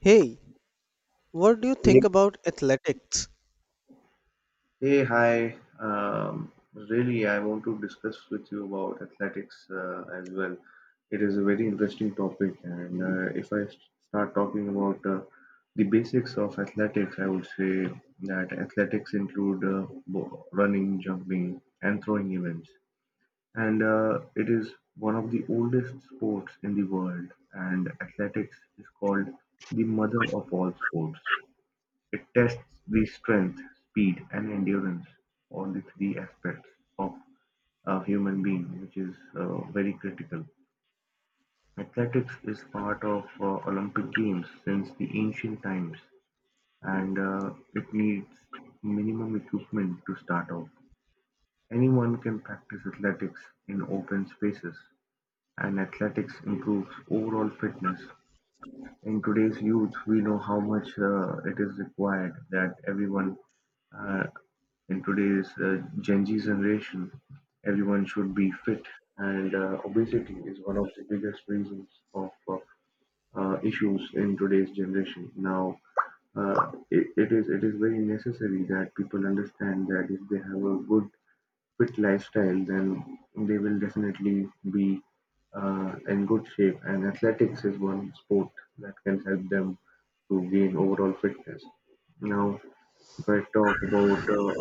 Hey, what do you Hey, think about athletics? hey, hi. Really, I want to discuss with you about athletics as well. It is a very interesting topic, and if I start talking about the basics of athletics, I would say that athletics include running, jumping, and throwing events. And it is one of the oldest sports in the world, and athletics is called the mother of all sports. It tests the strength, speed, and endurance—all the three aspects of a human being, which is very critical. Athletics is part of Olympic Games since the ancient times, and it needs minimum equipment to start off. Anyone can practice athletics in open spaces, and athletics improves overall fitness in today's youth. We know how much it is required that everyone uh, in today's Gen Z generation, everyone should be fit, and obesity is one of the biggest reasons of issues in today's generation. Now, it is very necessary that people understand that if they have a good fit lifestyle, then they will definitely be in good shape. And athletics is one sport that can help them to gain overall fitness. Now, if I talk about uh,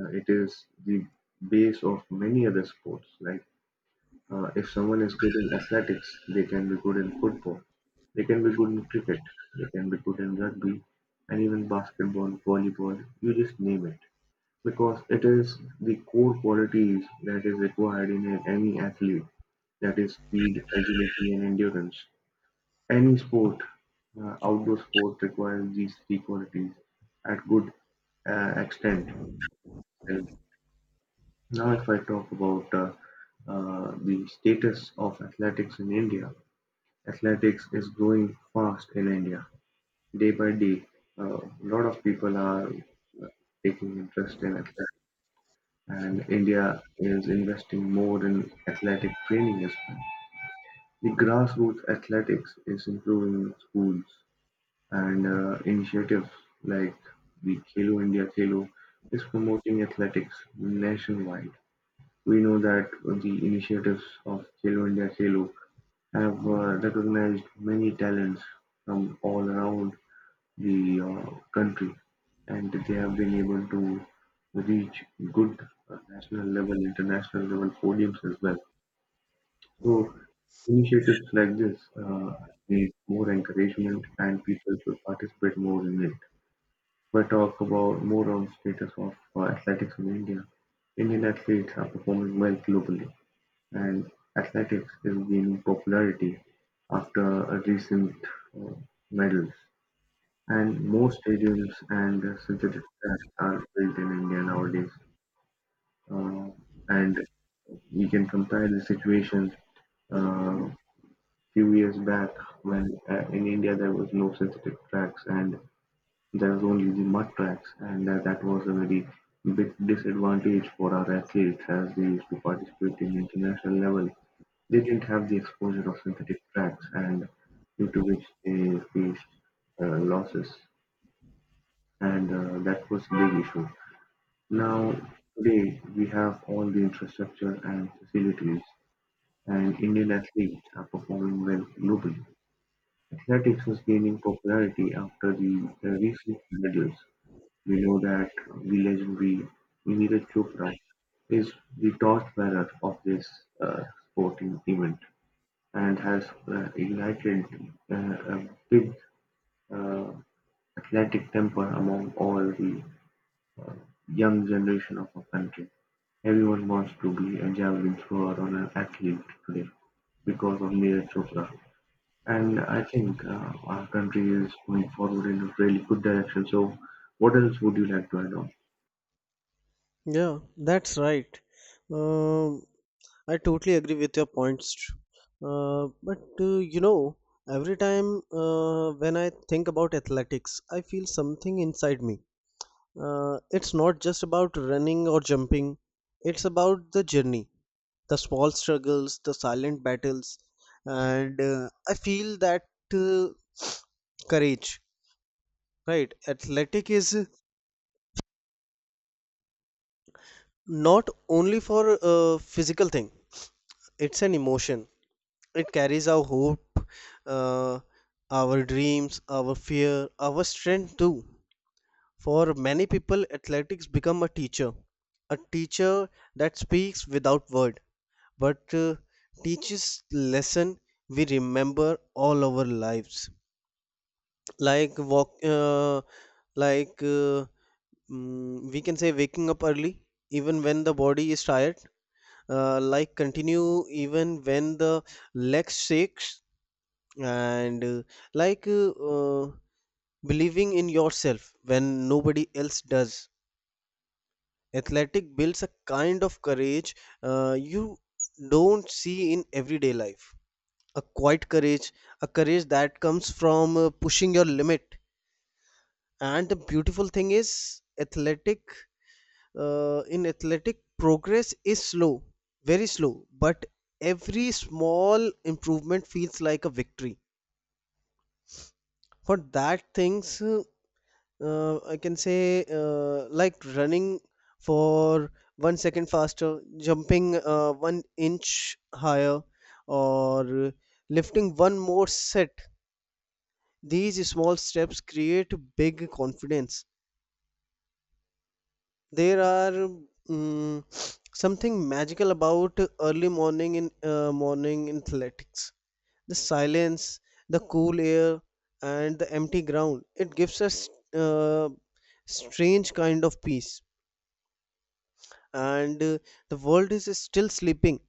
uh, it is the base of many other sports. Like if someone is good in athletics, they can be good in football, they can be good in cricket, they can be good in rugby, and even basketball, volleyball. You just name it. Because it is the core qualities that is required in any athlete, that is speed, agility and endurance. Any sport, outdoor sport requires these three qualities at good extent. And now if I talk about the status of athletics in India, athletics is growing fast in India. Day by day, a lot of people are taking interest in athletics. And India is investing more in athletic training as well. The grassroots athletics is improving in schools, and initiatives like the Khelo India Khelo is promoting athletics nationwide. We know that the initiatives of Khelo India Khelo have recognized many talents from all around the country, and they have been able to reach good national level, international level podiums as well. So initiatives like this need more encouragement, and people should participate more in it. But talk about more on status of athletics in India. Indian athletes are performing well globally, and athletics is gaining popularity after recent uh, medals. And most stadiums and synthetic tracks are built in India nowadays. Uh, and we can compare the situation uh, few years back when in India there was no synthetic tracks and there was only the mud tracks, and that was a very big disadvantage for our athletes as they used to participate in international level. They didn't have the exposure of synthetic tracks, and due to which they faced losses, and that was a big issue. Now, today we have all the infrastructure and facilities, and Indian athletes are performing well globally. Athletics is gaining popularity after the recent medals. We know that the legendary Neeraj Chopra is the torchbearer of this uh, sporting event and has ignited a big uh, athletic temper among all the young generation of our country. Everyone wants to be a javelin thrower or an athlete today because of Neeraj Chopra. And I think our country is going forward in a really good direction. So, what else would you like to add on? Yeah, that's right. Um, I totally agree with your points. But every time when I think about athletics, I feel something inside me. It's not just about running or jumping, it's about the journey, the small struggles, the silent battles, and I feel that uh, courage, right? Athletic is not only for a physical thing, it's an emotion. It carries our hope, uh, our dreams, our fear, our strength too. For many people athletics become a teacher, a teacher that speaks without word but teaches lesson we remember all our lives. Like walk, like we can say waking up early even when the body is tired, like continue even when the leg shakes, and like believing in yourself when nobody else does. Athletic builds a kind of courage you don't see in everyday life, a quiet courage, a courage that comes from pushing your limit. And the beautiful thing is athletic, in athletic progress is slow, very slow, but every small improvement feels like a victory. For that things, I can say like running for 1 second faster, jumping one inch higher, or lifting one more set. These small steps create big confidence. There are, mm, something magical about early morning in morning in athletics. The silence, the cool air, and the empty ground. It gives us uh, strange kind of peace. And the world is still sleeping,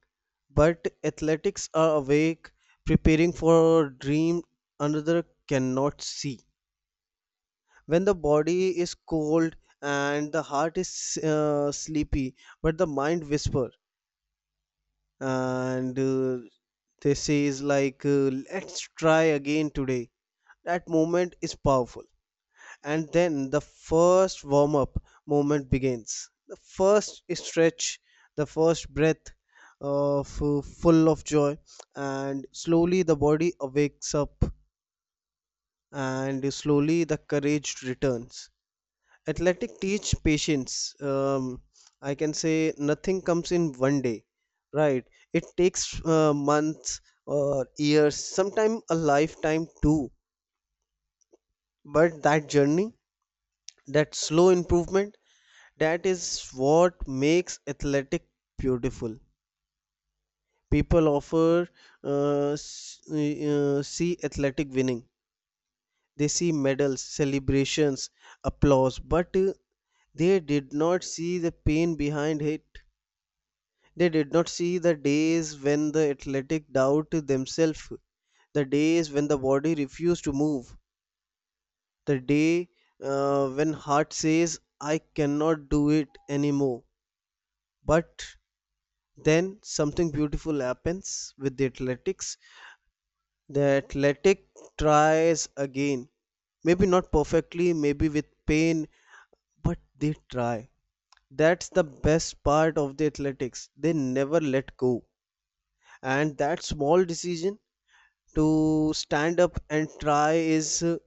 but athletics are awake, preparing for a dream another cannot see. When the body is cold and the heart is sleepy, but the mind whispers. And they says, like let's try again today. That moment is powerful. And then the first warm up moment begins, the first stretch, the first breath of full of joy. And slowly the body awakes up, and slowly the courage returns. Athletic teach patience. I can say nothing comes in one day, right? It takes months or years, sometimes a lifetime too. But that journey, that slow improvement, that is what makes athletic beautiful. People offer, see athletic winning. They see medals, celebrations, applause, but they did not see the pain behind it. They did not see the days when the athletic doubt themselves, the days when the body refused to move, the day when heart says, I cannot do it anymore. But then something beautiful happens with the athletics. The athletic tries again. Maybe not perfectly, maybe with pain, but they try. That's the best part of the athletics. They never let go. And that small decision to stand up and try is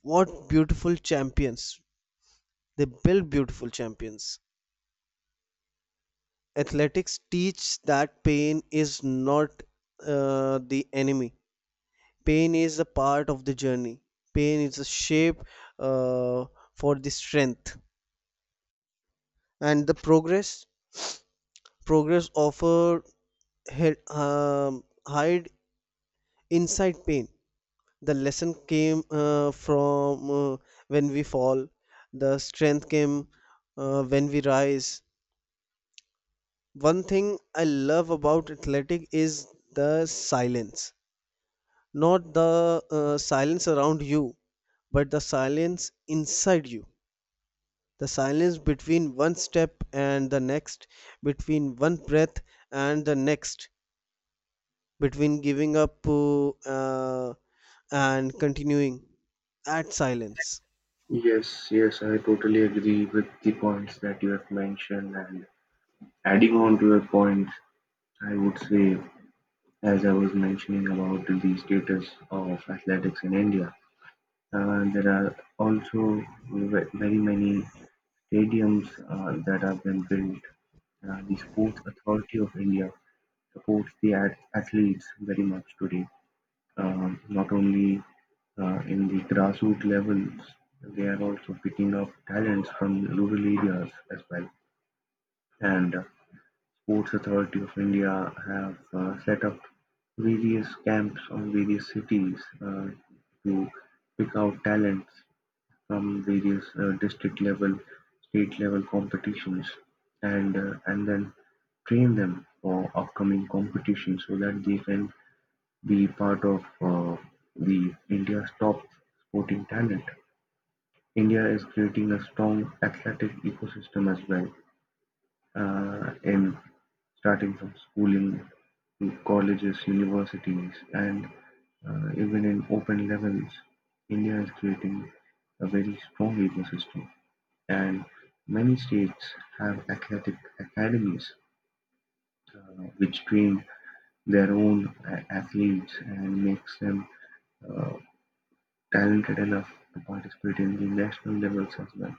what beautiful champions, they build beautiful champions. Athletics teach that pain is not the enemy. Pain is a part of the journey. Pain is a shape uh, for the strength and the progress. Progress offer hide inside pain. The lesson came from when we fall. The strength came when we rise. One thing I love about athletic is the silence, not the silence around you, but the silence inside you. The silence between one step and the next, between one breath and the next, between giving up uh, and continuing at silence. Yes, yes, I totally agree with the points that you have mentioned. And adding on to your points, I would say, as I was mentioning about the status of athletics in India, there are also very many stadiums that have been built. The Sports Authority of India supports the athletes very much today. Um, Not only in the grassroots levels, they are also picking up talents from rural areas as well. And Sports Authority of India have set up various camps on various cities uh, to pick out talents from various district level, state level competitions and then train them for upcoming competitions so that they can be part of the India's top sporting talent. India is creating a strong athletic ecosystem as well, in starting from schooling to colleges, universities, and even in open levels. India is creating a very strong ecosystem and many states have athletic academies uh, which train their own athletes and makes them uh, talented enough to participate in the national levels as well.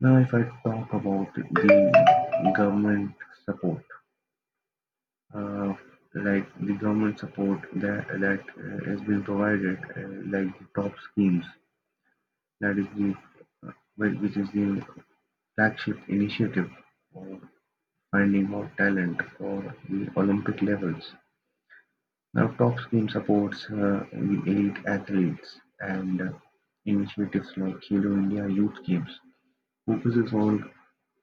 Now, if I talk about the government support, uh, like the government support that has been provided, like the top schemes, that is the which is the flagship initiative uh, finding hot talent for the Olympic levels. Now TopSpin supports the elite athletes and initiatives like Khelo India Youth Games focuses on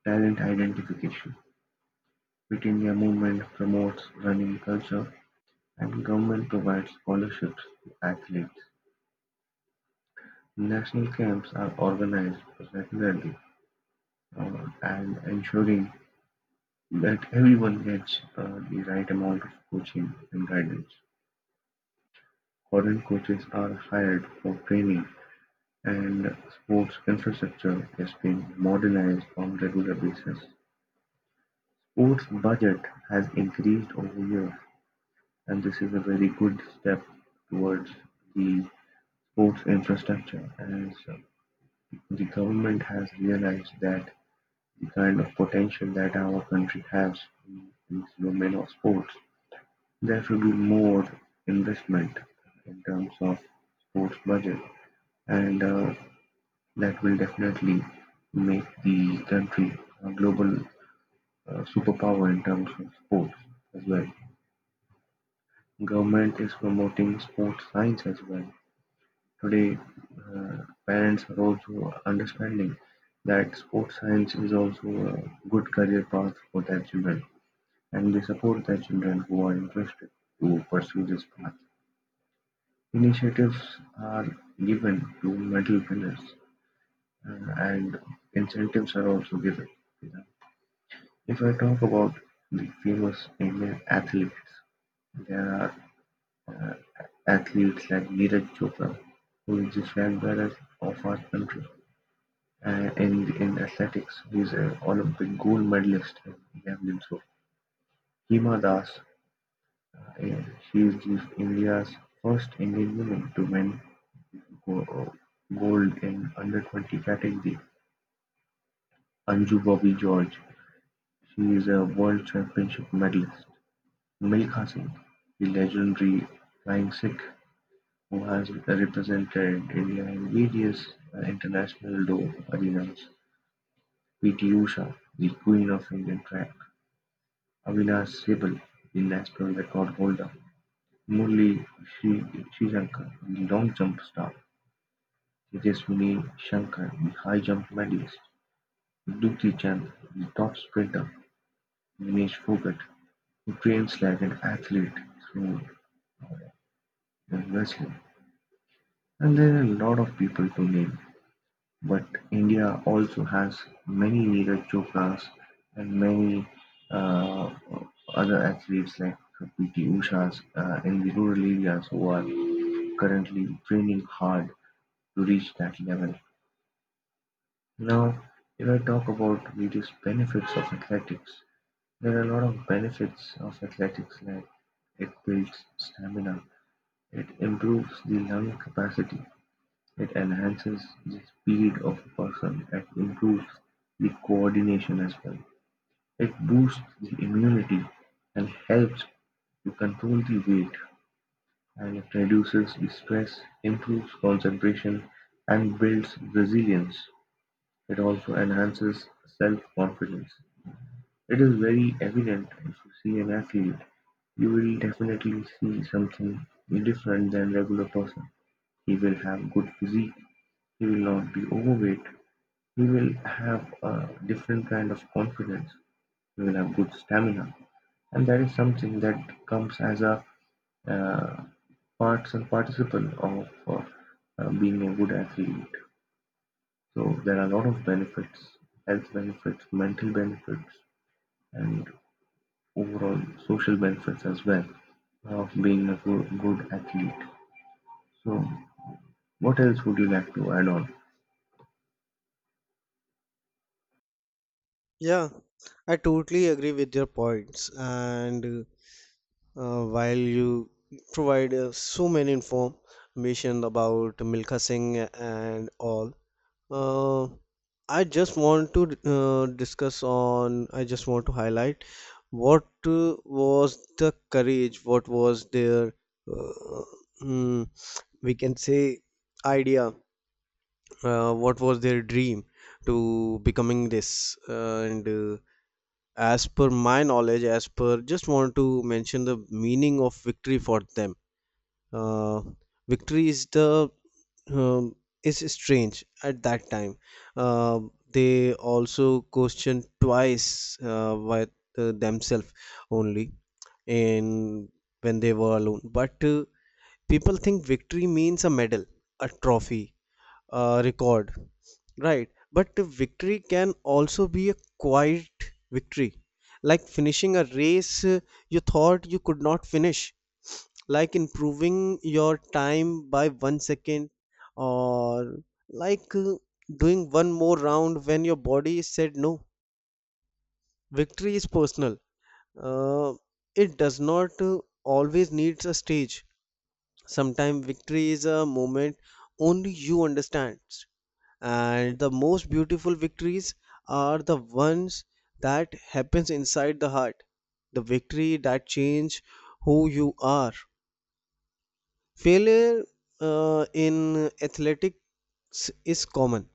talent identification. Fit India movement promotes running culture and government provides scholarships to athletes. National camps are organized regularly and ensuring that everyone gets the right amount of coaching and guidance. Foreign coaches are hired for training and sports infrastructure is being modernized on a regular basis. Sports budget has increased over years and this is a very good step towards the sports infrastructure as the government has realized that the kind of potential that our country has in this domain of sports, there should be more investment in terms of sports budget and that will definitely make the country a global superpower in terms of sports as well. Government is promoting sports science as well. Today, uh, parents are also understanding that sports science is also a good career path for their children, and they support their children who are interested to pursue this path. Initiatives are given to medal winners, and incentives are also given. If I talk about the famous Indian athletes, there are uh, athletes like Neeraj Chopra, who is the flag bearer of our country. And in athletics, he is an Olympic gold medalist in javelin throw. Hima Das, she is India's first Indian woman to win go- uh, gold in under 20 category. Anju Bobby George, she is a world championship medalist. Milkha Singh, the legendary flying Sikh who has represented India in various international Doe arenas, P. T. Usha, the Queen of Indian Track, Avinash Sehgal, the national record holder, Murali Srishankar, the long jump star, Tejaswini Shankar, the high jump medalist, Dukti Chand, the top sprinter, Dinesh Phogат, who trains like an athlete through wrestling. And there are a lot of people to name, but India also has many Neeraj Chopras and many uh, other athletes like PT Ushas in the rural areas who are currently training hard to reach that level. Now, if I talk about various benefits of athletics, there are a lot of benefits of athletics like it builds stamina, it improves the lung capacity. It enhances the speed of a person and improves the coordination as well. It boosts the immunity and helps to control the weight, and it reduces the stress, improves concentration, and builds resilience. It also enhances self-confidence. It is very evident if you see an athlete, you will definitely see something different than regular person. He will have good physique, he will not be overweight, we will have a different kind of confidence, we will have good stamina and that is something that comes as a uh, parts and participle of being a good athlete. So there are a lot of benefits, health benefits, mental benefits and overall social benefits as well of being a good, good athlete. So what else would you like to add on? Yeah, I totally agree with your points. And while you provide so many information about Milkha Singh and all, uh, I just want to highlight what was the courage, what was their, uh, mm, we can say, idea, what was their dream to becoming this. And as per my knowledge, as per just want to mention the meaning of victory for them. Uh, victory is the, um, is strange at that time. Uh, they also question twice by themselves only, in when they were alone. But people think victory means a medal, a trophy, a record. Right, but the victory can also be a quiet victory, like finishing a race you thought you could not finish, like improving your time by 1 second, or like doing one more round when your body said no. Victory is personal. Uh, it does not always needs a stage. Sometimes victory is a moment only you understand. And the most beautiful victories are the ones that happens inside the heart, the victory that change who you are. Failure in athletics is common,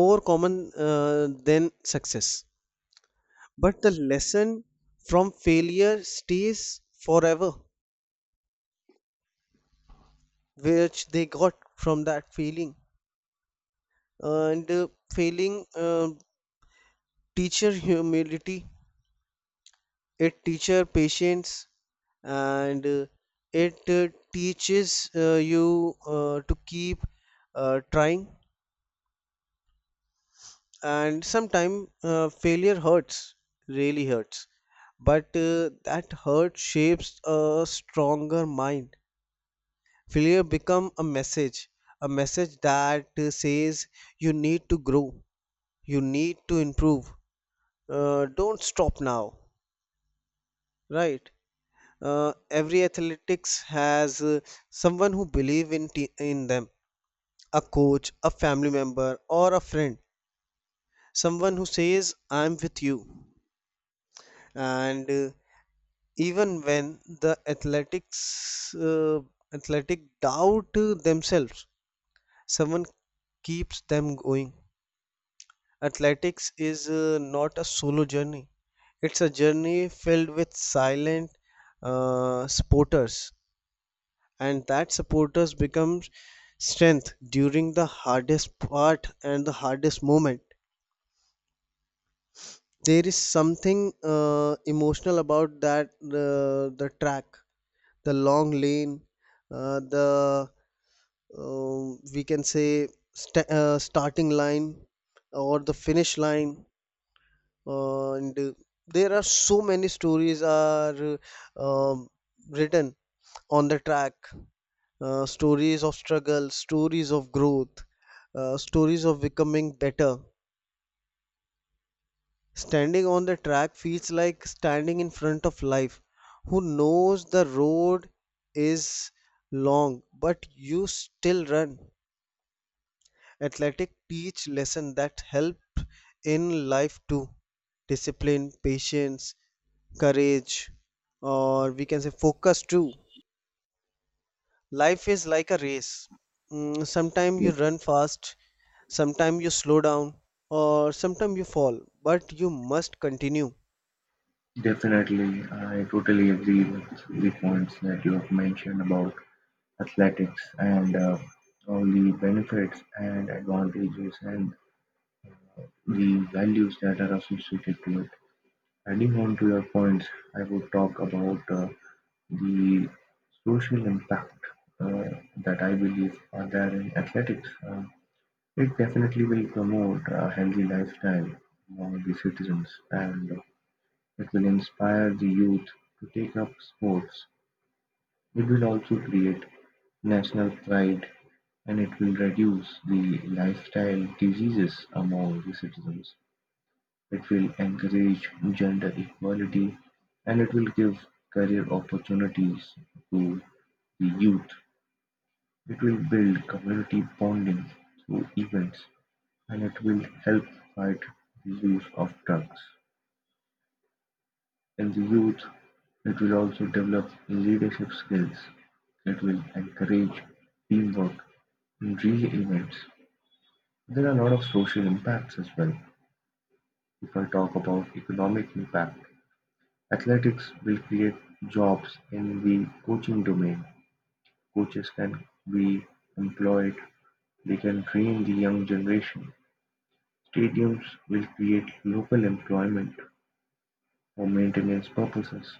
more common than success, but the lesson from failure stays forever, which they got from that feeling. And failing teacher humility. It teaches patience, and it teaches you to keep trying. And sometimes failure hurts, really hurts, but that hurt shapes a stronger mind. Failure become a message, a message that says you need to grow, you need to improve, don't stop now, right? Every athletics has someone who believe in in them, a coach, a family member, or a friend. Someone who says, I'm with you. And even when the athletic doubt themselves, someone keeps them going. Athletics is not a solo journey. It's a journey filled with silent supporters, and that supporters become strength during the hardest part and the hardest moment. There is something emotional about that. The track, the long lane, the, we can say, starting line, or the finish line. And there are so many stories are uh, um, written on the track, stories of struggle, stories of growth, stories of becoming better. Standing on the track feels like standing in front of life, who knows the road is long, but you still run. Athletic teach lesson that help in life too. Discipline, patience, courage, or we can say focus too. Life is like a race. Sometimes you Yes. run fast, sometimes you slow down, or sometimes you fall, but you must continue. Definitely, I totally agree with the points that you have mentioned about athletics and all the benefits and advantages and the values that are associated to it. Adding on to your points, I would talk about the social impact uh, that I believe are there in athletics. It definitely will promote a healthy lifestyle among the citizens and it will inspire the youth to take up sports. It will also create national pride, and it will reduce the lifestyle diseases among the citizens. It will encourage gender equality and it will give career opportunities to the youth. It will build community bonding through events and it will help fight the use of drugs. In the youth, it will also develop leadership skills. It will encourage teamwork in relay events. There are a lot of social impacts as well. If I talk about economic impact, athletics will create jobs in the coaching domain. Coaches can be employed, they can train the young generation. Stadiums will create local employment for maintenance purposes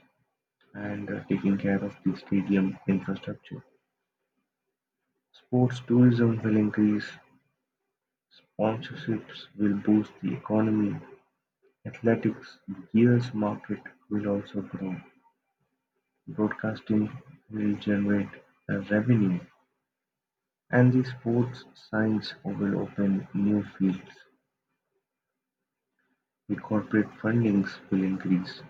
and taking care of the stadium infrastructure. Sports tourism will increase, sponsorships will boost the economy, athletics gears market will also grow. Broadcasting will generate a revenue, and the sports science will open new fields, the corporate fundings will increase,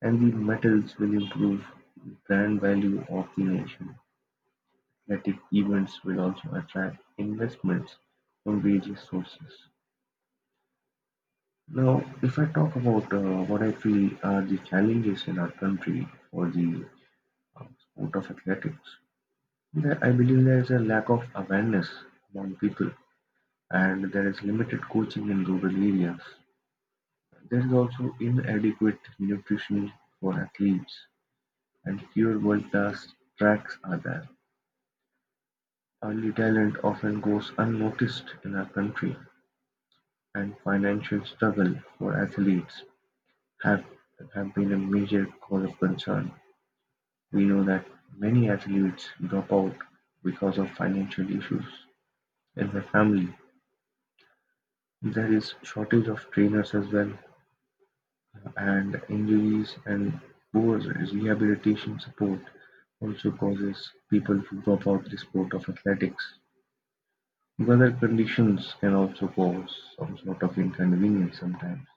and the medals will improve the brand value of the nation. Athletic events will also attract investments from various sources. Now, if I talk about what I feel are the challenges in our country for the sport of athletics, I believe there is a lack of awareness among people and there is limited coaching in rural areas. There is also inadequate nutrition for athletes, and fewer world-class tracks are there. Early talent often goes unnoticed in our country, and financial struggle for athletes have, have been a major cause of concern. We know that many athletes drop out because of financial issues in the family. There is shortage of trainers as well. And injuries and poor rehabilitation support also causes people to drop out the sport of athletics. Weather conditions can also cause some sort of inconvenience sometimes,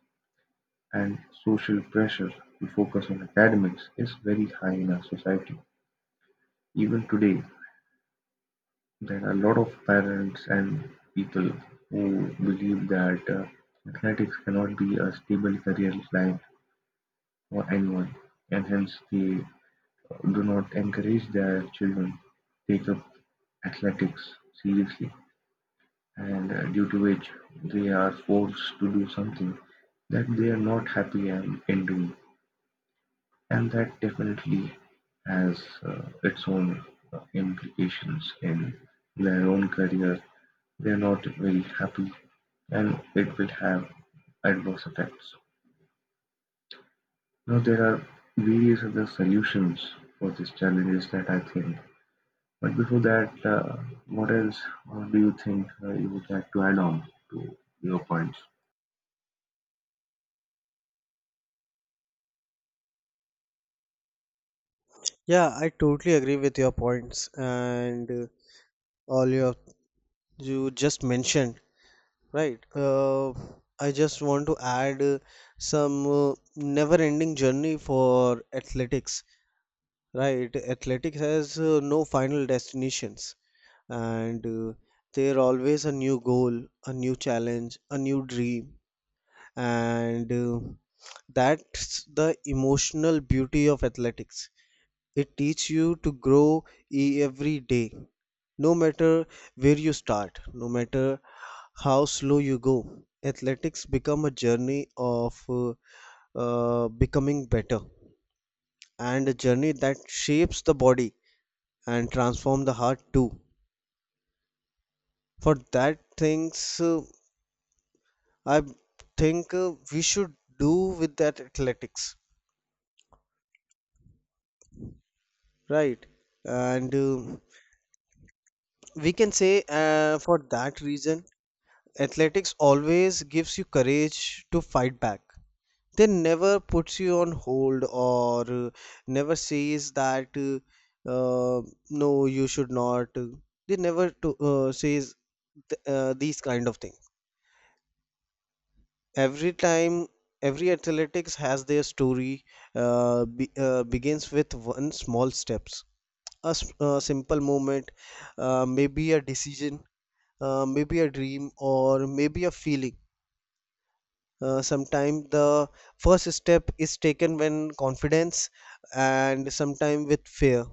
and social pressure to focus on academics is very high in our society. Even today, there are a lot of parents and people who believe that athletics cannot be a stable career line for anyone, and hence they do not encourage their children take up athletics seriously and due to which they are forced to do something that they are not in doing, and that definitely has its own implications in their own career. They are not very happy and it will have adverse effects. Now there are various other solutions for these challenges that I think. But before that, what else do you think you would like to add on to your points? Yeah, I totally agree with your points. And all your, you just mentioned, right? I just want to add some never-ending journey for athletics, right? Athletics has no final destinations. And there always a new goal, a new challenge, a new dream. And that's the emotional beauty of athletics. It teaches you to grow every day, no matter where you start, no matter how slow you go. Athletics become a journey of becoming better, and a journey that shapes the body and transform the heart too. For that things I think we should do with that athletics, right? And we can say for that reason, athletics always gives you courage to fight back. They never puts you on hold, or never says that uh, no, you should not. They never to, says these kind of things. Every time, every athletics has their story, begins with one small steps, a simple moment, maybe a decision, maybe a dream, or maybe a feeling. Sometimes the first step is taken when confidence, and sometimes with fear,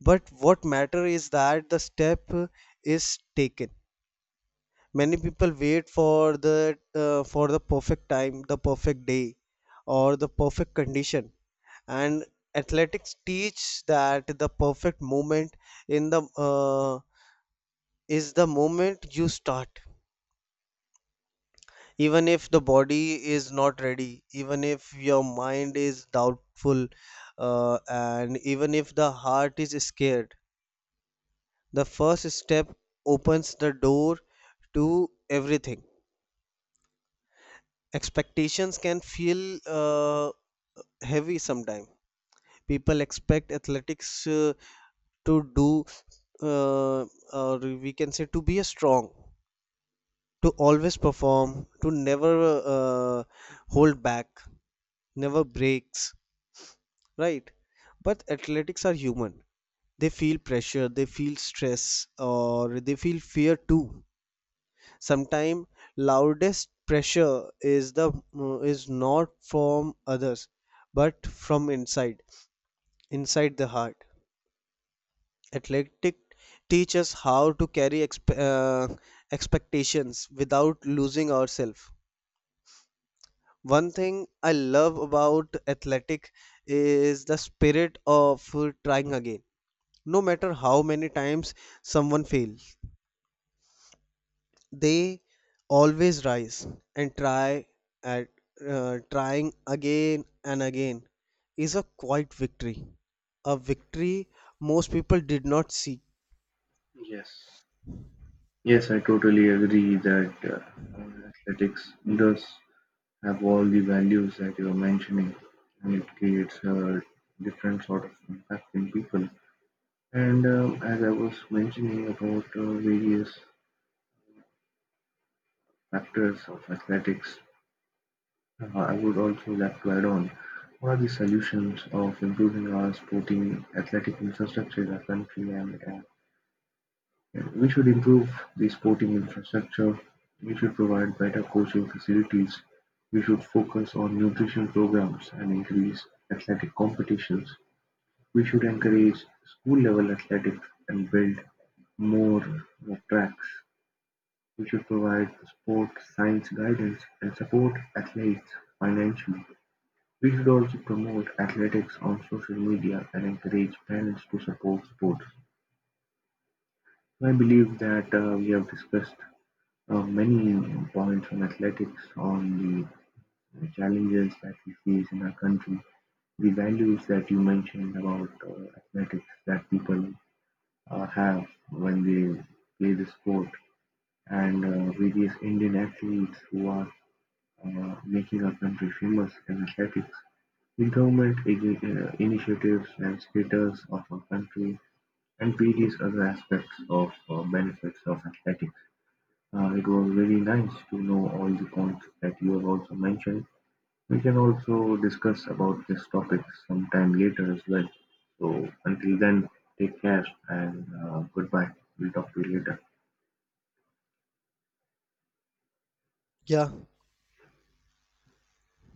but what matter is that the step is taken. Many people wait for the perfect time, the perfect day, or the perfect condition. And athletics teach that the perfect moment in the is the moment you start. Even if the body is not ready, even if your mind is doubtful, and even if the heart is scared, the first step opens the door to everything. Expectations can feel heavy sometimes. People expect athletics to do, uh, or we can say, to be strong, to always perform, to never hold back, never breaks, right? But athletics are human. They feel pressure, they feel stress, or they feel fear too. Sometimes loudest pressure is is not from others, but from inside, inside the heart. Athletic teach us how to carry expectations without losing ourselves. One thing I love about athletic is the spirit of trying again. No matter how many times someone fails, they always rise and try at, trying again and again is a quiet victory, a victory most people did not see. Yes. Yes, I totally agree that athletics does have all the values that you're mentioning, and it creates a different sort of impact in people. And as I was mentioning about various factors of athletics, I would also like to add on, what are the solutions of improving our sporting athletic infrastructure in our country, and we should improve the sporting infrastructure, we should provide better coaching facilities, we should focus on nutrition programs and increase athletic competitions, we should encourage school level athletics and build more tracks. We should provide sport science guidance and support athletes financially. We should also promote athletics on social media and encourage parents to support sports. I believe that we have discussed many points on athletics, on the challenges that we face in our country, the values that you mentioned about athletics that people have when they play the sport, and various Indian athletes who are making our country famous in athletics. With Government initiatives and status of a country and various other aspects of benefits of athletics. It was very nice to know all the points that you have also mentioned. We can also discuss about this topic sometime later as well. So until then, take care and goodbye. We'll talk to you later. Yeah.